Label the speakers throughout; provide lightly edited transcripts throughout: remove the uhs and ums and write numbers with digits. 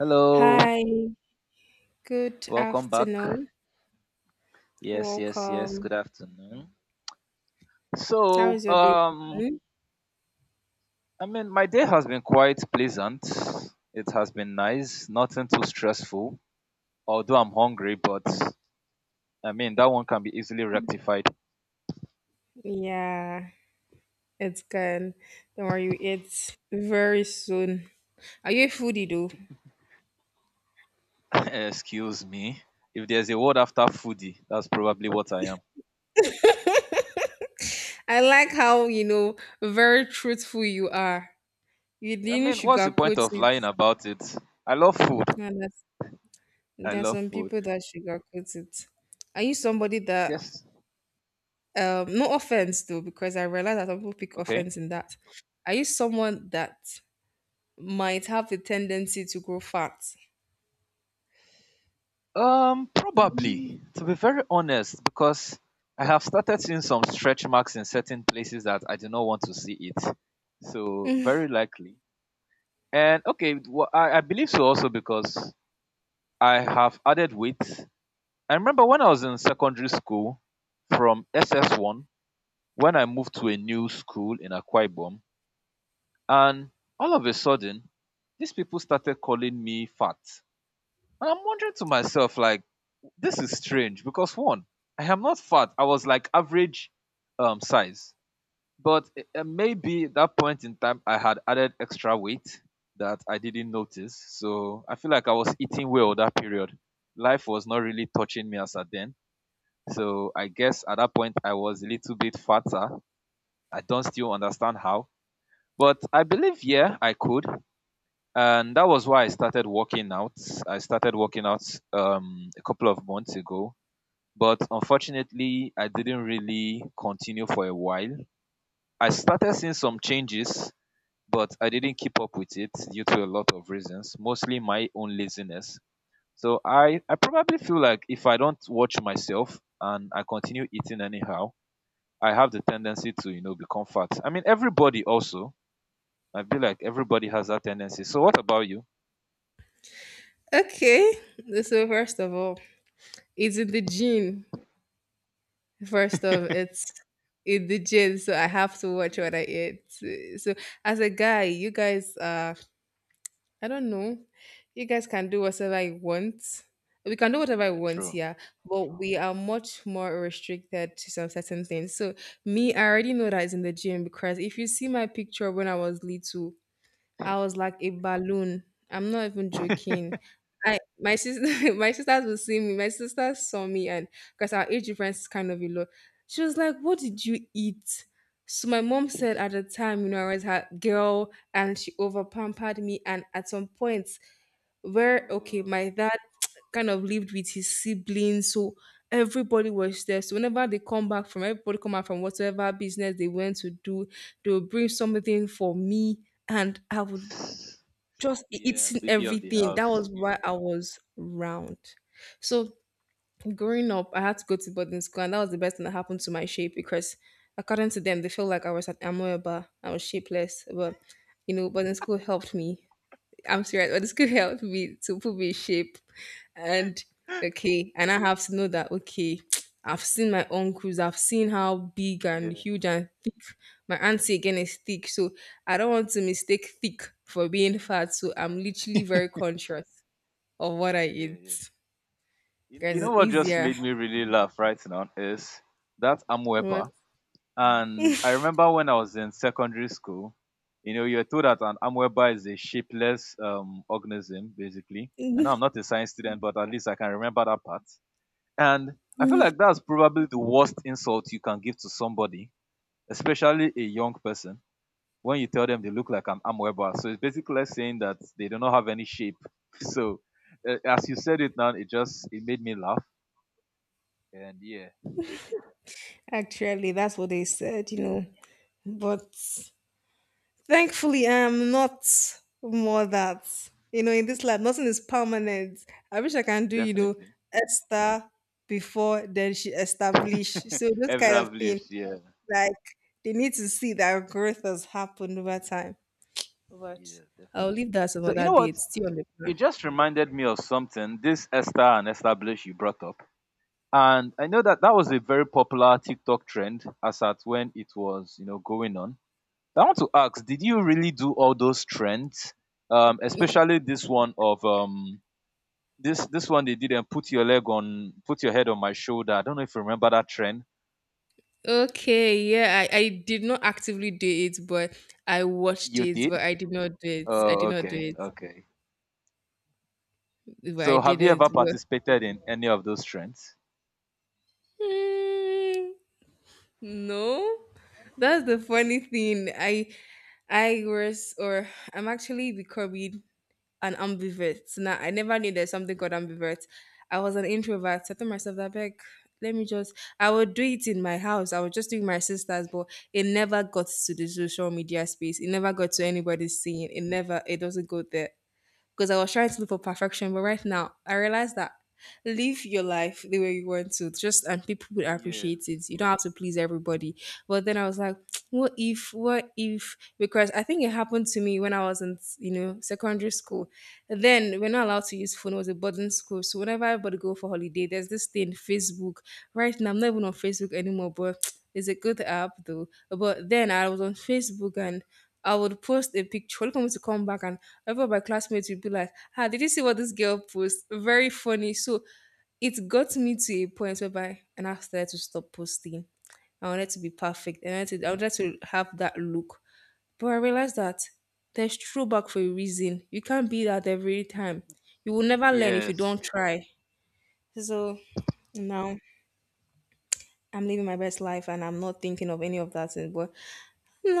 Speaker 1: Hello,
Speaker 2: Hi, good
Speaker 1: welcome back.
Speaker 2: afternoon.
Speaker 1: Yes, yes, yes.
Speaker 2: Welcome.
Speaker 1: Good afternoon.
Speaker 2: How
Speaker 1: So,
Speaker 2: is your day
Speaker 1: um,
Speaker 2: going?
Speaker 1: I mean, my day has been quite pleasant. It has been nice, nothing too stressful. Although I'm hungry, but I mean that one can be easily rectified.
Speaker 2: Yeah, it's good. Don't worry, it's very soon. Are you a foodie though?
Speaker 1: Excuse me. If there's a word after foodie, that's probably what I am.
Speaker 2: I like how, very truthful you are. You
Speaker 1: I
Speaker 2: didn't
Speaker 1: mean, what's the point
Speaker 2: sugarcoat
Speaker 1: of
Speaker 2: it.
Speaker 1: lying about it? I love food.
Speaker 2: Now that's-
Speaker 1: I
Speaker 2: There are
Speaker 1: love
Speaker 2: some
Speaker 1: food.
Speaker 2: people that sugarcoat it. Are you somebody
Speaker 1: Mm,
Speaker 2: that,
Speaker 1: yes.
Speaker 2: no offense though, because I realize that some people pick
Speaker 1: Okay.
Speaker 2: offense in that. Are you someone that might have a tendency to grow fat? Mm.
Speaker 1: Probably, to be very honest, because I have started seeing some stretch marks in certain places that I do not want to see it. So, very likely. And okay, I believe so also because I have added weight. I remember when I was in secondary school from SS1, when I moved to a new school in Akwa Ibom, and all of a sudden, these people started calling me fat. And I'm wondering to myself, like, this is strange because one, I am not fat. I was like average size. But maybe that point in time I had added extra weight that I didn't notice. So I feel like I was eating well that period. Life was not really touching me as at then. So I guess at that point I was a little bit fatter. I don't still understand how. But I believe yeah, I could. And that was why I started working out. I started working out a couple of months ago, but unfortunately, I didn't really continue for a while. I started seeing some changes, but I didn't keep up with it due to a lot of reasons, mostly my own laziness. So I probably feel like if I don't watch myself and I continue eating anyhow, I have the tendency to, you know, become fat. I mean, everybody also. I feel like everybody has that tendency. So what about you?
Speaker 2: Okay. So first of all, it's in the gene. First of it's in the gene, so I have to watch
Speaker 1: Yeah.
Speaker 2: what I eat. So as a guy, you guys I don't know. You guys can do whatever I want. We can do whatever I
Speaker 1: Yeah,
Speaker 2: want,
Speaker 1: true.
Speaker 2: yeah. But we are much more restricted to some certain things. So me, I already know that it's in the gym because if you see my picture when I was little, I was like a balloon. I'm not even joking. I my sister my sisters will see me. My sisters saw me and because our age difference is kind of a lot. She was like, what did you eat? So my mom said at the time, you know, I was her girl and she over pampered me, and at some point where okay,
Speaker 1: Oh.
Speaker 2: my dad kind of lived with his siblings, so everybody was there. So whenever they come back from everybody come out from whatever business they went to do, they would bring something for me, and I would just
Speaker 1: Yeah,
Speaker 2: eating
Speaker 1: baby of the
Speaker 2: everything. That
Speaker 1: house.
Speaker 2: was why I was round. So growing up, I had to go to boarding school, and that was the best thing that happened to my shape because according to them, they felt like I was an amoeba. I was shapeless, but you know, boarding school helped me. I'm serious, boarding school helped me to put me in shape. And okay, and I have to know that okay, I've seen my uncles, I've seen how big and
Speaker 1: Yeah.
Speaker 2: huge and thick my auntie again is thick. So I don't want to mistake thick for being fat. So I'm literally very conscious of what I
Speaker 1: Yeah,
Speaker 2: eat.
Speaker 1: yeah. You
Speaker 2: Guys,
Speaker 1: know
Speaker 2: it's
Speaker 1: what just
Speaker 2: easier.
Speaker 1: made me really laugh right now is that Amweba.
Speaker 2: But
Speaker 1: And I remember when I was in secondary school, you know, you're told that an Amweba is a shapeless organism, basically. I know I'm not a science student, but at least I can remember that part. And I feel like that's probably the worst insult you can give to somebody, especially a young person, when you tell them they look like an Amweba. So it's basically like saying that they do not have any shape. So as you said it now, it just it made me laugh. And yeah,
Speaker 2: actually that's what they said, you know. But thankfully, I am not more that. You know, in this life, nothing is permanent. I wish I can do, you know,
Speaker 1: definitely.
Speaker 2: Esther before then she established. So those kind of
Speaker 1: Evrav,
Speaker 2: thing,
Speaker 1: yeah.
Speaker 2: like they need to see that growth has happened over time. But
Speaker 1: Yeah,
Speaker 2: I'll leave
Speaker 1: definitely.
Speaker 2: that some
Speaker 1: So you
Speaker 2: other
Speaker 1: know
Speaker 2: day.
Speaker 1: what?
Speaker 2: It's still on the
Speaker 1: It
Speaker 2: plan.
Speaker 1: just reminded me of something. This Esther and Establish you brought up. And I know that that was a very popular TikTok trend as at when it was, you know, going on. I want to ask, did you really do all those trends? Especially this one of this one they did and put your leg on put your head on my shoulder. I don't know if you remember that trend.
Speaker 2: Okay, yeah, I did not actively do it, but I watched
Speaker 1: You
Speaker 2: it,
Speaker 1: did?
Speaker 2: but I did not do it. I
Speaker 1: Oh,
Speaker 2: did not do
Speaker 1: okay,
Speaker 2: it,
Speaker 1: okay.
Speaker 2: but I
Speaker 1: So, have
Speaker 2: did
Speaker 1: you ever
Speaker 2: it. But,
Speaker 1: participated in any of those trends?
Speaker 2: hmm. No, that's the funny thing. I was or I'm actually becoming an ambivert. So now I never knew there's something called ambivert. I was an introvert. I told myself that back. Let me just I would do it in my house. I would just doing my sisters, but it never got to the social media space. It never got to
Speaker 1: Okay.
Speaker 2: anybody seeing. It doesn't go there. Because I was trying to look for perfection, but right now I realize that live your life the way you want to just, and people would appreciate
Speaker 1: Yes.
Speaker 2: it. You don't have to please everybody. But then I was like, what if, because I think it happened to me when I was in, you know, secondary school. Then we're not allowed to use phone, it was a boarding school. So whenever everybody go for holiday, there's this thing Facebook. Right now I'm not even on Facebook anymore, but it's a good app though. But then I was on Facebook, and I would post a picture only for me to come back and every of my classmates would be like, ah, did you see what this girl post? Very funny. So it got me to a point whereby, and I now started to stop posting. I wanted to be perfect. I wanted to have that look. But I realized that there's throwback for a reason. You can't be that every time. You will never learn if you don't
Speaker 1: Yes.
Speaker 2: try. So now I'm living my best life, and I'm not thinking of any of that. Thing. But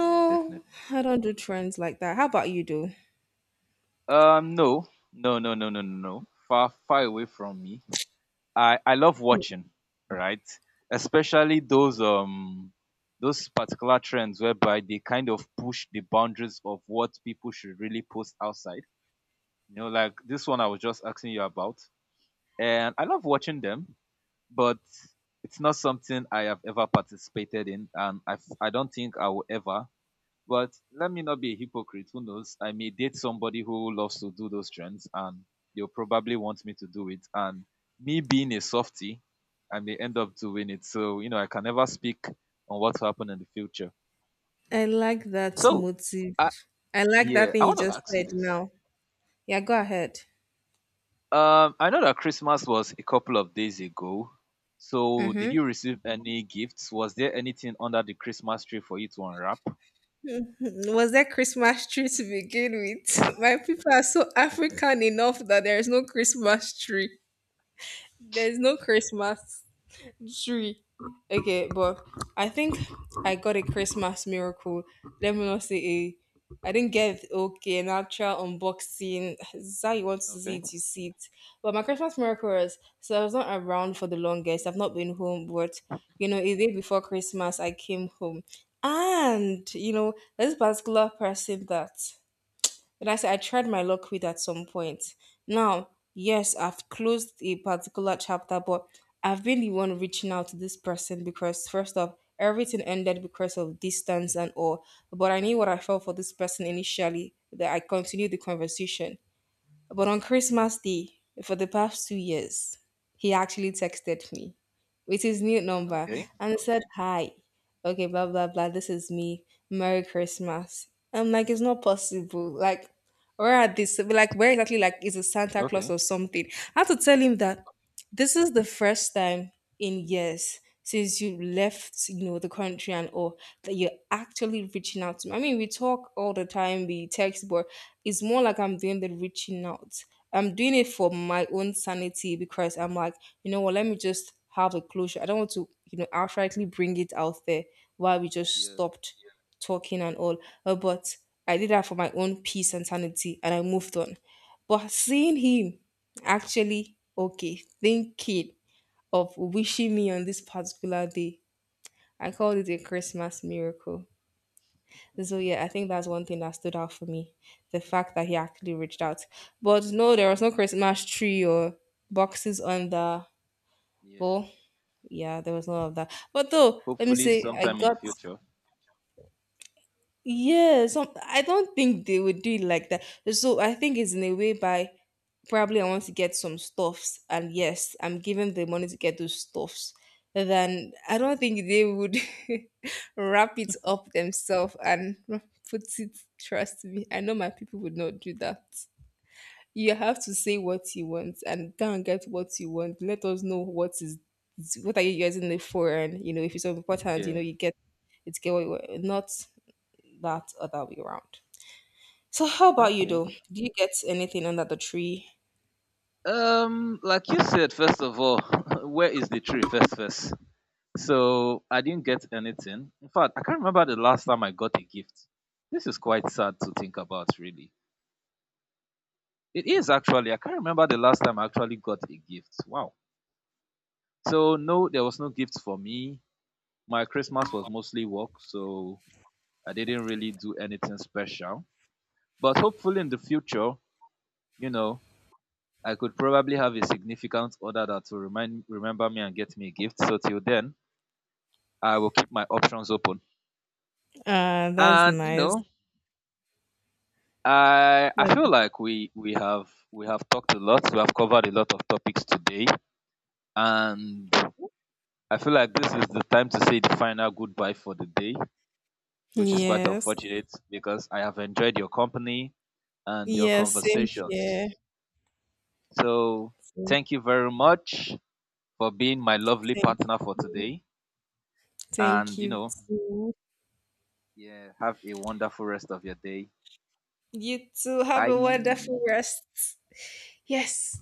Speaker 1: Yeah, definitely.
Speaker 2: I don't do trends like that. How about you, do?
Speaker 1: No, no, no, no, no, no, no. Far, far away from me. I love watching, right? Especially those particular trends whereby they kind of push the boundaries of what people should really post outside. You know, like this one I was just asking you about, and I love watching them, but it's not something I have ever participated in, and I don't think I will ever, but let me not be a hypocrite. Who knows? I may date somebody who loves to do those trends and they'll probably want me to do it. And me being a softie, I may end up doing it. So, you know, I can never speak on what will happen in the future.
Speaker 2: I like that
Speaker 1: So,
Speaker 2: motive.
Speaker 1: I,
Speaker 2: I like that
Speaker 1: yeah, I
Speaker 2: thing you
Speaker 1: want to
Speaker 2: just
Speaker 1: ask you
Speaker 2: said
Speaker 1: this.
Speaker 2: now. Yeah, go ahead.
Speaker 1: I know that Christmas was a couple of days ago. So, did
Speaker 2: Mm-hmm.
Speaker 1: you receive any gifts? Was there anything under the Christmas tree for you to unwrap?
Speaker 2: Was there Christmas tree to begin with? My people are so African enough that there is no Christmas tree. There is no Christmas. Three. Okay, but I think I got a Christmas miracle. Let me not say a. I didn't get okay an actual unboxing. It's how you want to see
Speaker 1: Okay.
Speaker 2: it, you see it. But my Christmas miracle is so I was not around for the longest. I've not been home, but you know, a day before Christmas, I came home, and you know, there's this particular person that but I said I tried my luck with at some point. Now, yes, I've closed a particular chapter, but I've been the one reaching out to this person because first off, everything ended because of distance and all. But I knew what I felt for this person initially that I continued the conversation. But on Christmas Day, for the past 2 years, he actually texted me with his new number,
Speaker 1: Okay.
Speaker 2: and said, hi, okay, blah, blah, blah, this is me. Merry Christmas. I'm like, it's not possible. Like, where are this? Like, where exactly? Like, is a Santa Claus
Speaker 1: Okay.
Speaker 2: or something? I had to tell him that this is the first time in years since you left, you know, the country and all, that you're actually reaching out to me. I mean, we talk all the time, we text, but it's more like I'm doing the reaching out. I'm doing it for my own sanity because I'm like, you know what, let me just have a closure. I don't want to, you know, outrightly bring it out there while we just
Speaker 1: Yeah.
Speaker 2: stopped talking and all. But I did that for my own peace and sanity, and I moved on. But seeing him actually, okay, thinking of wishing me on this particular day, I called it a Christmas miracle. So yeah, I think that's one thing that stood out for me, the fact that he actually
Speaker 1: Okay.
Speaker 2: reached out. But no, there was no Christmas tree or boxes on the
Speaker 1: Yeah.
Speaker 2: wall. Yeah, there was none of that. But though, let me
Speaker 1: Hopefully,
Speaker 2: say, I
Speaker 1: sometime in the
Speaker 2: got
Speaker 1: future.
Speaker 2: yeah. Some I don't think they would do it like that. So I think it's in a way by probably I want to get some stuffs, and yes, I'm giving the money to get those stuffs. Then I don't think they would wrap it up themselves and put it. Trust me, I know my people would not do that. You have to say what you want and go and get what you want. Let us know what is what are you using it for, and you know if it's of important, you
Speaker 1: Yeah.
Speaker 2: know you get it's get what you want. Not that other way around. So how about you
Speaker 1: Okay.
Speaker 2: though? Do you get anything under the tree?
Speaker 1: Like you said, first of all, where is the tree? First, first. So I didn't get anything. In fact, I can't remember the last time I got a gift. This is quite sad to think about, really. It is actually. I can't remember the last time I actually got a gift. Wow. So no, there was no gift for me. My Christmas was mostly work, so I didn't really do anything special. But hopefully, in the future, you know, I could probably have a significant order that will remind remember me and get me a gift. So till then, I will keep my options open.
Speaker 2: That's
Speaker 1: And you
Speaker 2: nice.
Speaker 1: know, I feel
Speaker 2: That's
Speaker 1: like we have talked a lot. We have covered a lot of topics today, and I feel like this is the time to say the final goodbye for the day, which is quite
Speaker 2: yes.
Speaker 1: unfortunate because I have enjoyed your company and your
Speaker 2: Yes, same
Speaker 1: conversations.
Speaker 2: here.
Speaker 1: So
Speaker 2: Same,
Speaker 1: thank you very much for being my lovely
Speaker 2: thank
Speaker 1: partner for
Speaker 2: you.
Speaker 1: today.
Speaker 2: Thank
Speaker 1: And you
Speaker 2: you
Speaker 1: know,
Speaker 2: too.
Speaker 1: yeah, have a wonderful rest of your day.
Speaker 2: You too. Have a wonderful
Speaker 1: Bye.
Speaker 2: rest. Yes.